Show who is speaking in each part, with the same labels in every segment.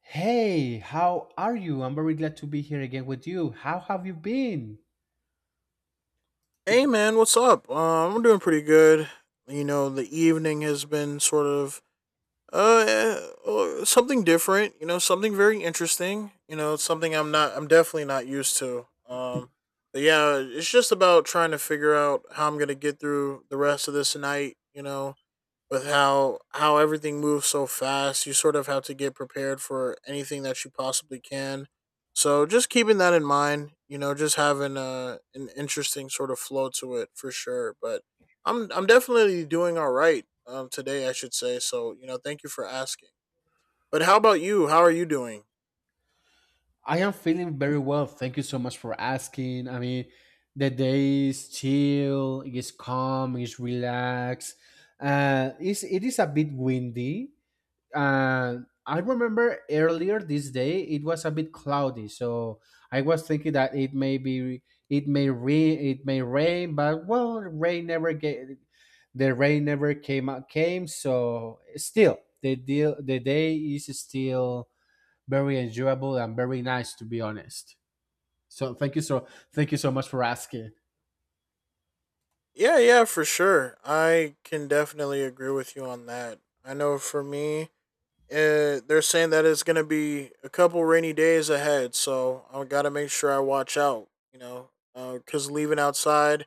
Speaker 1: Hey, how are you? I'm very glad to be here again with you. How have you been?
Speaker 2: Hey man, what's up? I'm doing pretty good. The evening has been sort of uh eh, something different. Something very interesting. It's something I'm not. I'm definitely not used to. But yeah, it's just about trying to figure out how I'm gonna get through the rest of this night. With how everything moves so fast, you sort of have to get prepared for anything that you possibly can. So just keeping that in mind, just having a an interesting sort of flow to it, for sure. But I'm definitely doing all right today, I should say. Thank you for asking. But how about you? How are you doing?
Speaker 1: I am feeling very well. Thank you so much for asking. I mean, the day is chill, it's calm, it's relaxed. It is a bit windy, and I remember earlier this day it was a bit cloudy, so I was thinking that it may rain, but well, rain never get the rain never came. So still, the day is still very enjoyable and very nice, to be honest. So thank you so much for asking.
Speaker 2: Yeah, yeah, for sure. I can definitely agree with you on that. I know for me, they're saying that it's gonna be a couple rainy days ahead, so I gotta make sure I watch out. Because leaving outside,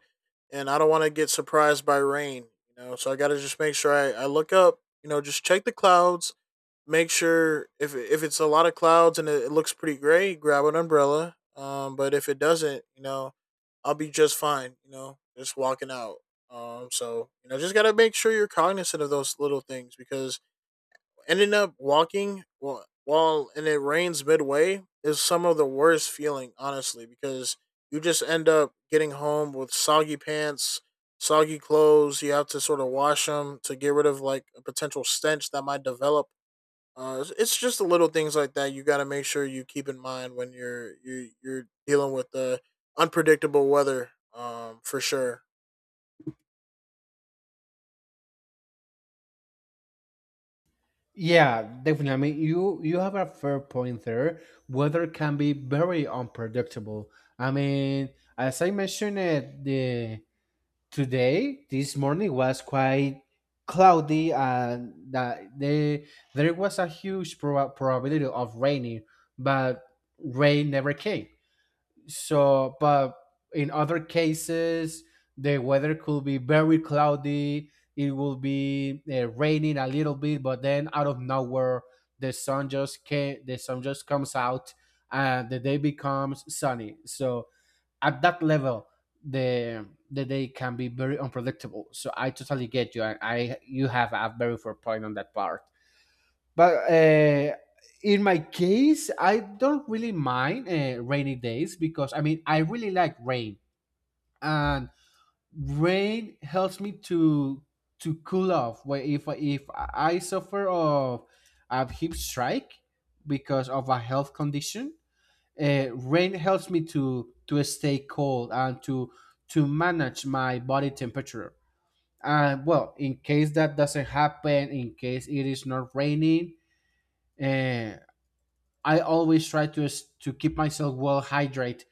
Speaker 2: and I don't want to get surprised by rain. So I gotta just make sure I look up. Just check the clouds. Make sure if it's a lot of clouds and it looks pretty gray, grab an umbrella. But if it doesn't, I'll be just fine. Just walking out. Just gotta make sure you're cognizant of those little things, because ending up walking while and it rains midway is some of the worst feeling, honestly, because you just end up getting home with soggy pants, soggy clothes. You have to sort of wash them to get rid of like a potential stench that might develop. It's just the little things like that you got to make sure you keep in mind when you're dealing with the unpredictable weather. For sure.
Speaker 1: Yeah, definitely. I mean, you have a fair point there. Weather can be very unpredictable. I mean, as I mentioned it, the today this morning was quite cloudy, and that the there was a huge probability of raining, but rain never came. So, but in other cases, the weather could be very cloudy. It will be raining a little bit, but then out of nowhere, the sun just comes out, and the day becomes sunny. So at that level, the day can be very unpredictable. So I totally get you, and I you have a very fair point on that part. But in my case, I don't really mind rainy days because I mean I really like rain, and rain helps me to cool off. Where If I suffer of a hip strike because of a health condition, rain helps me to stay cold and to manage my body temperature. And well, in case that doesn't happen, in case it is not raining. Uh, I always try to keep myself well hydrated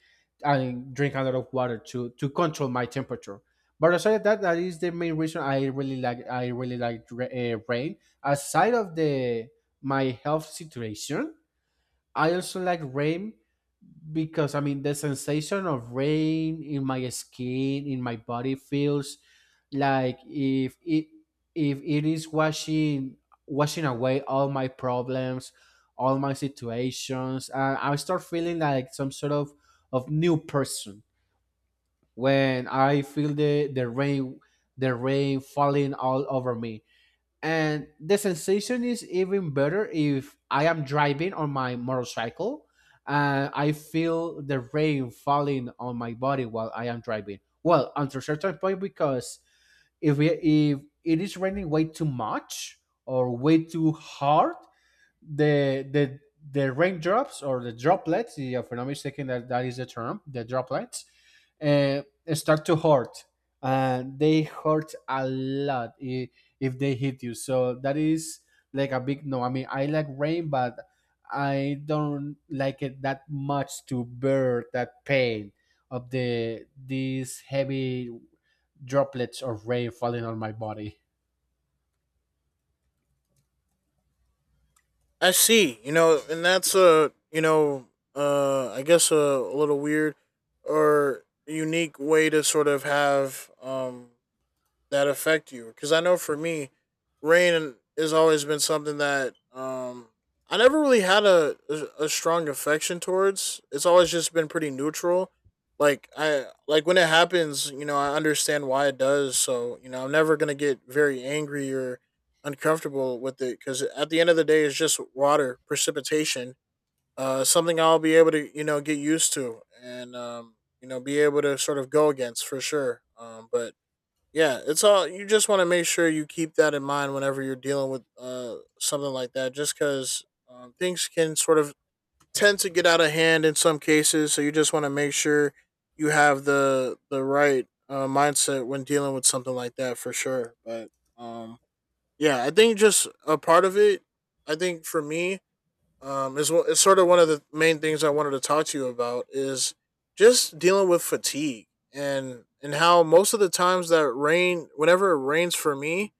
Speaker 1: and drink a lot of water to control my temperature. But aside of that, that is the main reason I really like rain. Aside of the my health situation, I also like rain because I mean the sensation of rain in my skin, in my body feels like if it is washing away all my problems, all my situations, and I start feeling like some sort of new person when I feel the rain the rain falling all over me, and the sensation is even better if I am driving on my motorcycle. And I feel the rain falling on my body while I am driving. Well, until a certain point, because if it is raining way too much or way too hard, the the the raindrops, or the droplets, if I'm not mistaken, that is the term, the droplets, uh, start to hurt. And they hurt a lot, if they hit you. So that is like a big no. I mean, I like rain, but I don't like it that much to bear that pain of these heavy droplets of rain falling on my body.
Speaker 2: I see. And that's a, I guess a little weird or unique way to sort of have that affect you. Because I know for me, rain has always been something that I never really had a, a strong affection towards. It's always just been pretty neutral. Like I like when it happens. I understand why it does. So I'm never gonna get very angry or uncomfortable with it, because at the end of the day, it's just water, precipitation, something I'll be able to, you know, get used to, and you know, be able to sort of go against, for sure. But yeah, it's all, you just want to make sure you keep that in mind whenever you're dealing with something like that, just because things can sort of tend to get out of hand in some cases. So you just want to make sure you have the right mindset when dealing with something like that, for sure. But um, yeah, I think just a part of it. I think for me, is what it's sort of one of the main things I wanted to talk to you about is just dealing with fatigue and how most of the times that rain, whenever it rains for me,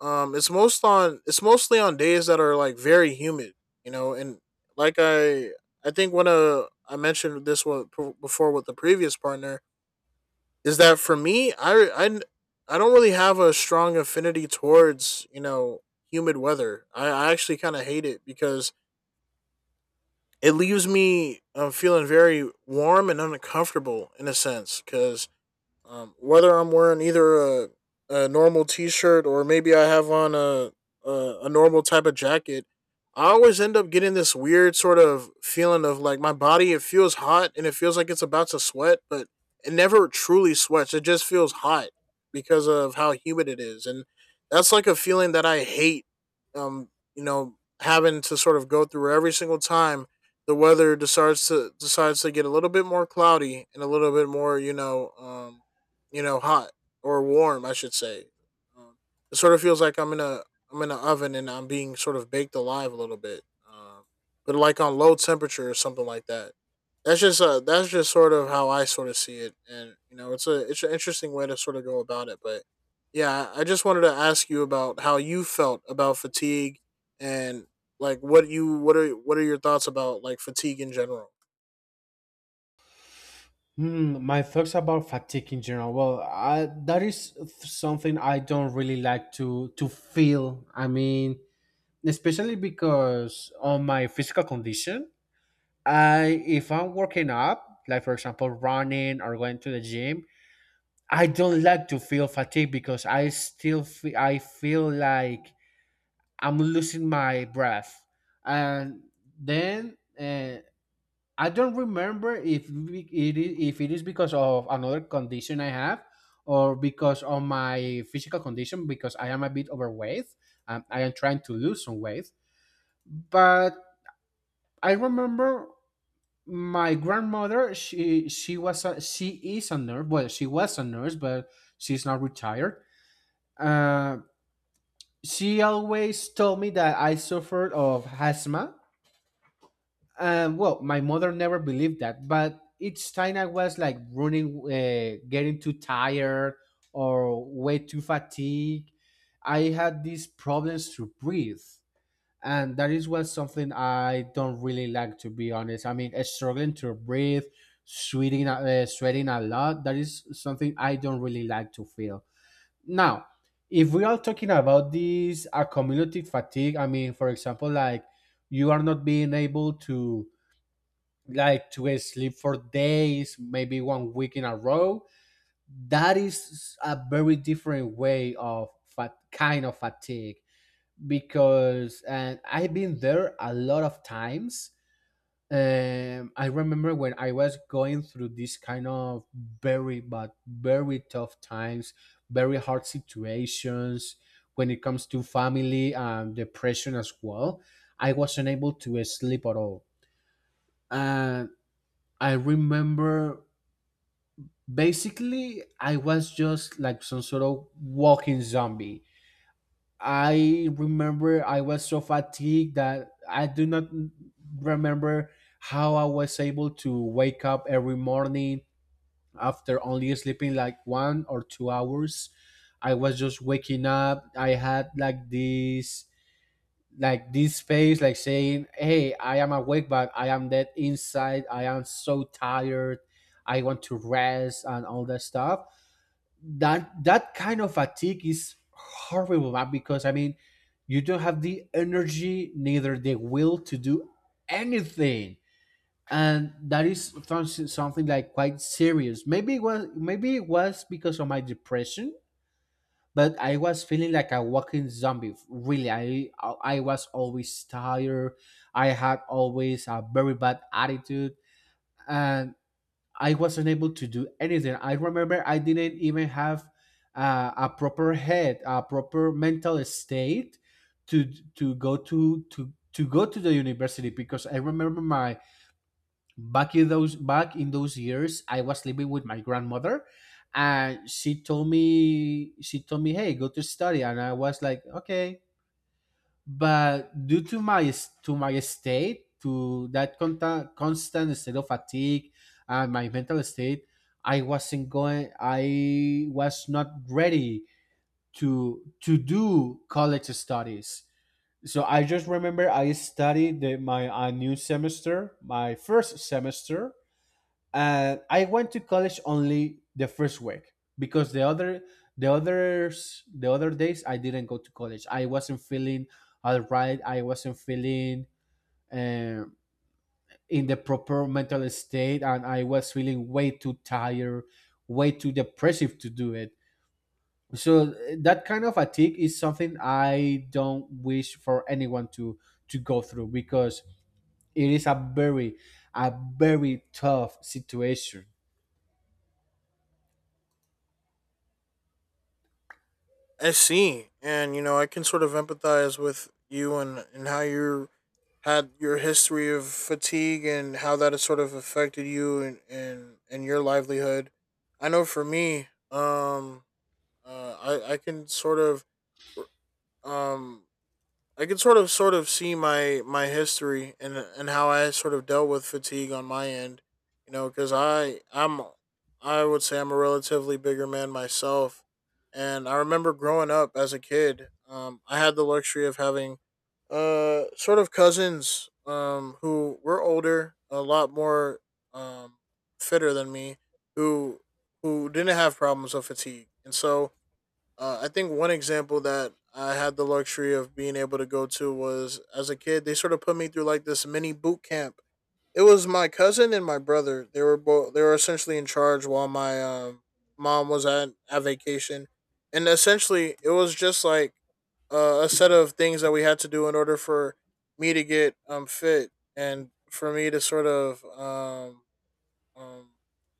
Speaker 2: it's most on it's mostly on days that are like very humid, you know, and like I think when I mentioned this one before with the previous partner, is that for me I don't really have a strong affinity towards, you know, humid weather. I actually kind of hate it, because it leaves me feeling very warm and uncomfortable in a sense, because whether I'm wearing either a normal T-shirt, or maybe I have on a, a normal type of jacket, I always end up getting this weird sort of feeling of like my body. It feels hot and it feels like it's about to sweat, but it never truly sweats. It just feels hot because of how humid it is, and that's like a feeling that I hate. Um, you know, having to sort of go through every single time the weather decides to get a little bit more cloudy and a little bit more, you know, hot or warm, I should say. Um, it sort of feels like I'm in an oven and I'm being sort of baked alive a little bit. Um, but like on low temperature or something like that. That's just sort of how I sort of see it, and you know it's a, it's an interesting way to sort of go about it. But yeah, I just wanted to ask you about how you felt about fatigue, and like what you, what are your thoughts about like fatigue in general.
Speaker 1: Hmm, my thoughts about fatigue in general. Well, that is something I don't really like to feel. I mean, especially because on my physical condition, I if I'm working up, like for example running or going to the gym, I don't like to feel fatigue because I still fe I feel like I'm losing my breath, and then. I don't remember if it is because of another condition I have or because of my physical condition, because I am a bit overweight. I am trying to lose some weight, but I remember my grandmother. She is a nurse. Well, she was a nurse, but she's now retired. Uh, she always told me that I suffered of asthma. Well, my mother never believed that, but each time I was like running, getting too tired or way too fatigued, I had these problems to breathe. And that is was something I don't really like, to be honest. I mean, struggling to breathe, sweating, sweating a lot, that is something I don't really like to feel. Now, if we are talking about this accumulative fatigue, I mean, for example, like you are not being able to like to sleep for days, maybe 1 week in a row. That is a very different way of fat kind of fatigue because, and I've been there a lot of times. I remember when I was going through this kind of very tough times, very hard situations when it comes to family and depression as well. I wasn't able to sleep at all. And I remember Basically, I was just like some sort of walking zombie. I remember I was so fatigued that I do not remember how I was able to wake up every morning after only sleeping like 1 or 2 hours. I was just waking up. I had like this face like saying, "Hey, I am awake but I am dead inside. I am so tired. I want to rest," and all that stuff. That kind of fatigue is horrible, man, because I mean you don't have the energy neither the will to do anything. And that is something like quite serious. Maybe it was because of my depression, but I was feeling like a walking zombie, really. I was always tired. I had always a very bad attitude. And I wasn't able to do anything. I remember I didn't even have a proper head, a proper mental state to to go to the university, because I remember my back in those years I was living with my grandmother, and she told me, "Hey, go to study," and I was like, "Okay." But due to my state, to that constant state of fatigue and my mental state, I was not ready to do college studies. So I just remember I studied the, my a new semester, my first semester, and I went to college only the first week, because the other days I didn't go to college. I wasn't feeling all right. I wasn't feeling um, in the proper mental state, and I was feeling way too tired, way too depressive to do it. So that kind of fatigue is something I don't wish for anyone to go through, because it is a very, a very tough situation.
Speaker 2: I see, and you know I can sort of empathize with you and how you had your history of fatigue and how that has sort of affected you and and your livelihood. I know for me, I can sort of um I can sort of see my, my history and how I sort of dealt with fatigue on my end, you know, because I would say I'm a relatively bigger man myself, and I remember growing up as a kid. I had the luxury of having sort of cousins who were older, a lot more um fitter than me, who didn't have problems of fatigue, and so I think one example that I had the luxury of being able to go to was as a kid. They sort of put me through like this mini boot camp. It was my cousin and my brother. They were both. They were essentially in charge while my mom was at vacation, and essentially it was just like a set of things that we had to do in order for me to get fit, and for me to sort of um,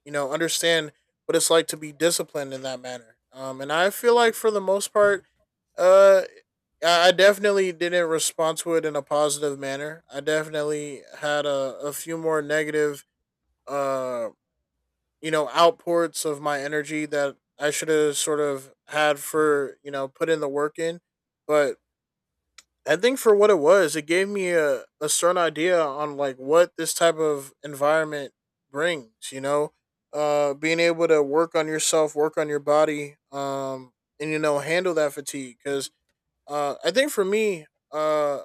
Speaker 2: you know, understand what it's like to be disciplined in that manner. And I feel like for the most part, uh, I definitely didn't respond to it in a positive manner. I definitely had a few more negative, uh, you know, outports of my energy that I should have sort of had for, you know, put in the work in. But I think for what it was, it gave me a certain idea on like what this type of environment brings, you know, being able to work on yourself, work on your body, and, you know, handle that fatigue. Cause I think for me, uh,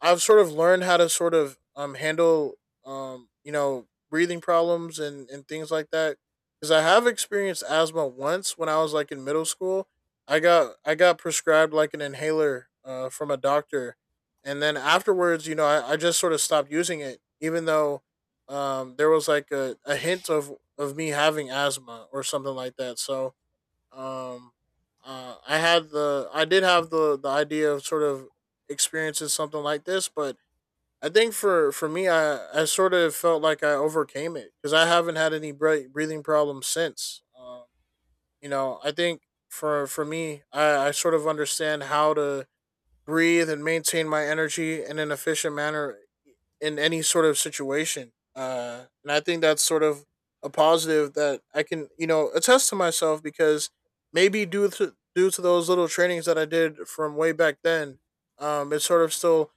Speaker 2: I've sort of learned how to sort of handle you know breathing problems and things like that, because I have experienced asthma once when I was like in middle school. I got prescribed like an inhaler from a doctor, and then afterwards, you know, I just sort of stopped using it, even though there was like a hint of me having asthma or something like that. So um, I had the, I did have the idea of sort of experiencing something like this, but I think for me, I sort of felt like I overcame it, because I haven't had any breathing problems since. You know, I think for me, I sort of understand how to breathe and maintain my energy in an efficient manner in any sort of situation. And I think that's sort of a positive that I can, you know, attest to myself, because maybe due to those little trainings that I did from way back then, it's sort of still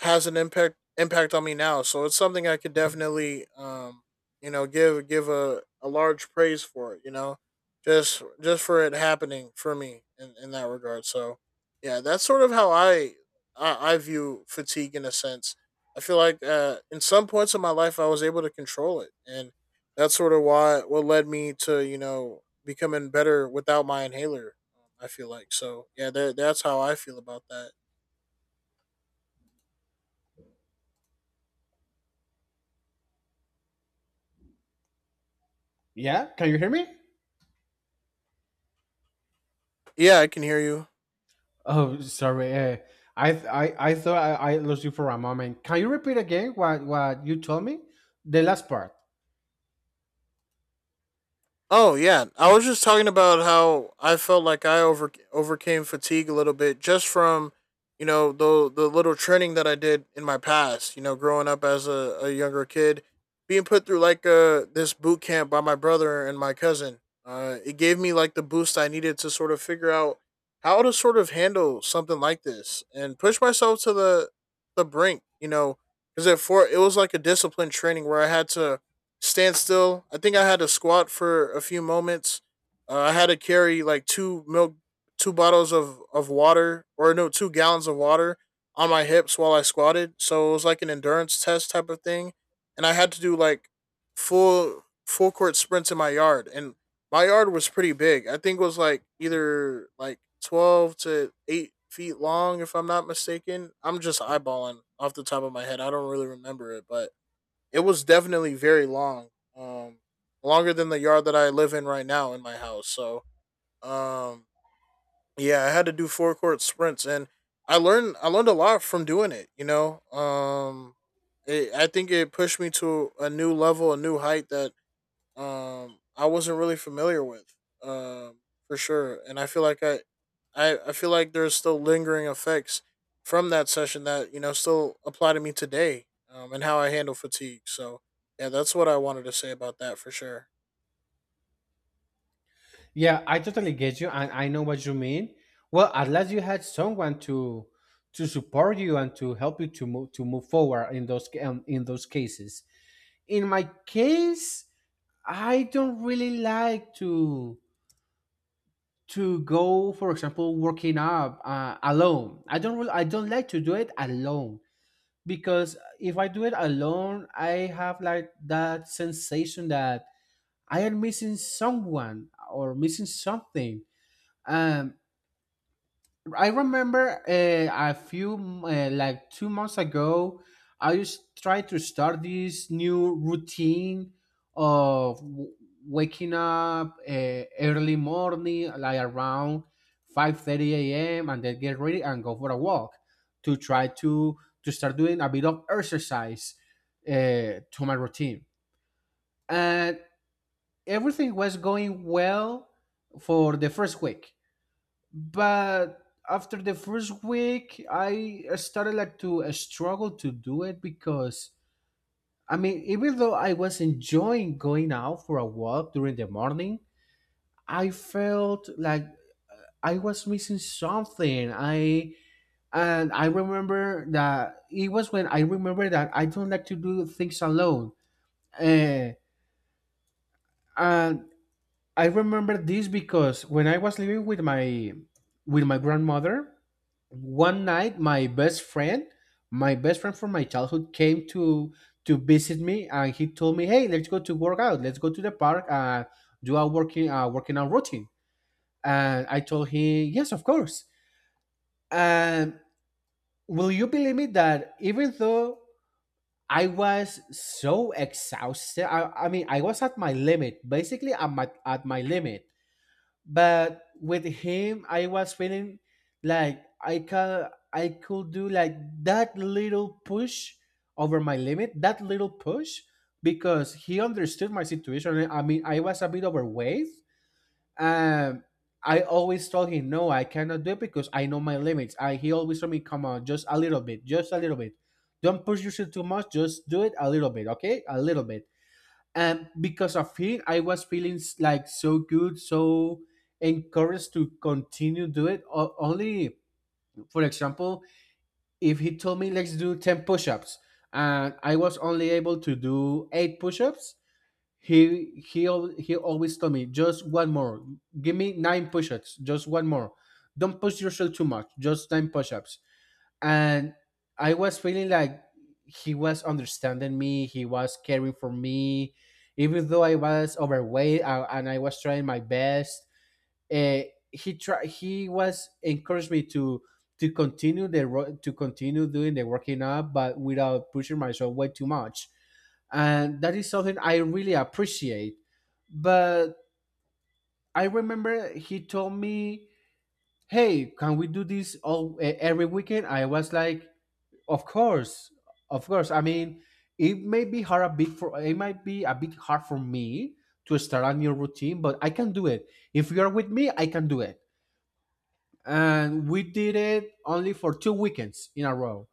Speaker 2: has an impact on me now. So it's something I could definitely you know give a large praise for it, you know. Just for it happening for me in that regard. So yeah, that's sort of how I view fatigue in a sense. I feel like in some points of my life I was able to control it, and that's sort of why what led me to, you know, becoming better without my inhaler. I feel like so. Yeah, that's how I feel about that.
Speaker 1: Yeah, can you hear me?
Speaker 2: Yeah, I can hear you.
Speaker 1: Oh, sorry. I thought I lost you for a moment. Can you repeat again what you told me? The last part.
Speaker 2: Oh yeah, I was just talking about how I felt like I overcame fatigue a little bit, just from you know the little training that I did in my past. You know, growing up as a younger kid, being put through like this boot camp by my brother and my cousin. It gave me like the boost I needed to sort of figure out how to sort of handle something like this and push myself to the brink. You know, because it for it was like a disciplined training where I had to stand still. I think I had to squat for a few moments. I had to carry like two milk, two bottles of water, or no, 2 gallons of water on my hips while I squatted. So it was like an endurance test type of thing. And I had to do like full court sprints in my yard. And my yard was pretty big. I think it was like either like 12 to 8 feet long, if I'm not mistaken. I'm just eyeballing off the top of my head. I don't really remember it, but it was definitely very long. Um, Longer than the yard that I live in right now in my house. So, um, yeah, I had to do four court sprints, and I learned a lot from doing it. You know, I think it pushed me to a new level, a new height that I wasn't really familiar with um for sure, and I feel like I feel like there's still lingering effects from that session that, you know, still apply to me today, and how I handle fatigue. So yeah, that's what I wanted to say about that, for sure.
Speaker 1: Yeah, I totally get you, and I know what you mean. Well, at last you had someone to support you and to help you to move forward in in those cases. In my case, I don't really like for example, working up alone. I don't like to do it alone, because if I do it alone, I have like that sensation that I am missing someone or missing something. Um, I remember like 2 months ago, I just tried to start this new routine of waking up early morning, like around 5:30 a.m., and then get ready and go for a walk to try to start doing a bit of exercise uh, to my routine. And everything was going well for the first week, but after the first week I started like to struggle to do it, because I mean, even though I was enjoying going out for a walk during the morning, I felt like I was missing something. I remember that it was when I remember that I don't like to do things alone. uh, and I remember this because when I was living with my grandmother, one night my best friend from my childhood, came to visit me, and he told me, "Hey, let's go to work out. Let's go to the park and do a working out routine." And I told him, "Yes, of course." And will you believe me that even though I was so exhausted, I mean, I was at my limit, basically at my limit. But with him I was feeling like I could do like that little push over my limit, that little push, because he understood my situation. I mean, I was a bit overweight. um I always told him, "No, I cannot do it because I know my limits." I He always told me, "Come on, just a little bit, just a little bit. Don't push yourself too much, just do it a little bit, okay? A little bit." And because of him I was feeling like so good, so encouraged to continue do it. Only for example, if he told me, "Let's do 10 push-ups," and I was only able to do 8 push-ups, he always told me, "Just one more, give me 9 push-ups, just one more. Don't push yourself too much, just 9 push-ups." And I was feeling like he was understanding me, he was caring for me, even though I was overweight, and I was trying my best. Uh, he tried. He was encouraged me to continue the to continue doing the working up, but without pushing myself way too much, and that is something I really appreciate. But I remember he told me, "Hey, can we do this all every weekend?" I was like, "Of course, of course." I mean, it might be a bit hard for me to start a new routine, but I can do it. If you are with me, I can do it. And we did it only for two weekends in a row.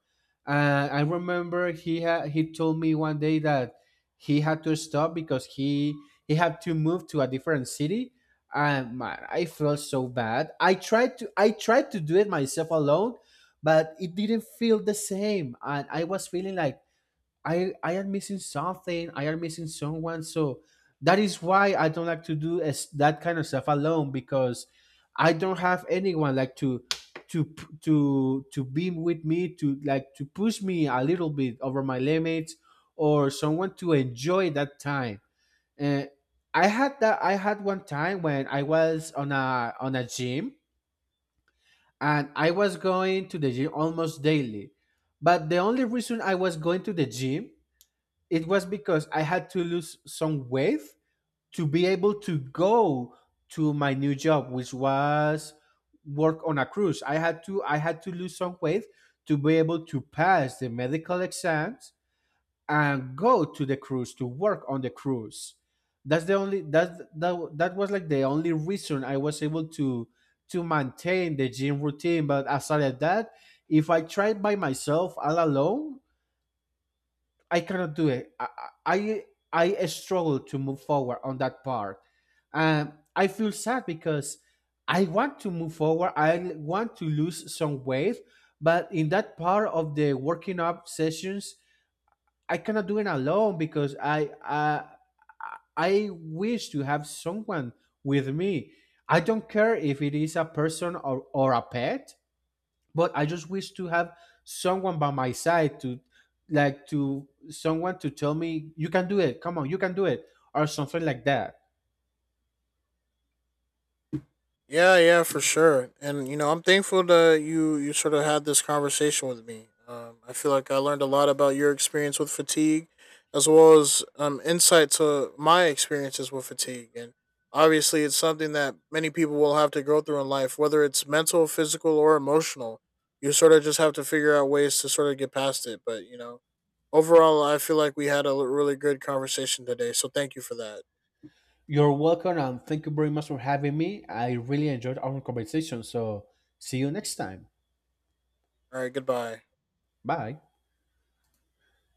Speaker 1: And I remember he told me one day that he had to stop because he had to move to a different city. And man, I felt so bad. I tried to do it myself alone, but it didn't feel the same. And I was feeling like I am missing something, I am missing someone. So that is why I don't like to do as that kind of stuff alone, because I don't have anyone like to to be with me, to like to push me a little bit over my limits, or someone to enjoy that time. And I had one time when I was on a gym and I was going to the gym almost daily. But the only reason I was going to the gym, it was because I had to lose some weight to be able to go to my new job, which was work on a cruise. I had to lose some weight to be able to pass the medical exams and go to the cruise to work on the cruise. That's the only that was like the only reason I was able to maintain the gym routine. But aside of that, if I tried by myself all alone, I cannot do it. I, I struggle to move forward on that part. I feel sad because I want to move forward, I want to lose some weight, but in that part of the working up sessions, I cannot do it alone because I wish to have someone with me. I don't care if it is a person or a pet, but I just wish to have someone by my side to someone to tell me, "You can do it, come on, you can do it," or something like that.
Speaker 2: Yeah, yeah, for sure. And you know, I'm thankful that you sort of had this conversation with me. I feel like I learned a lot about your experience with fatigue, as well as insight to my experiences with fatigue. And obviously, it's something that many people will have to go through in life, whether it's mental, physical, or emotional. You sort of just have to figure out ways to sort of get past it. But you know, overall, I feel like we had a really good conversation today. So thank you for that.
Speaker 1: You're welcome, and thank you very much for having me. I really enjoyed our conversation, so see you next time.
Speaker 2: All right, goodbye.
Speaker 1: Bye.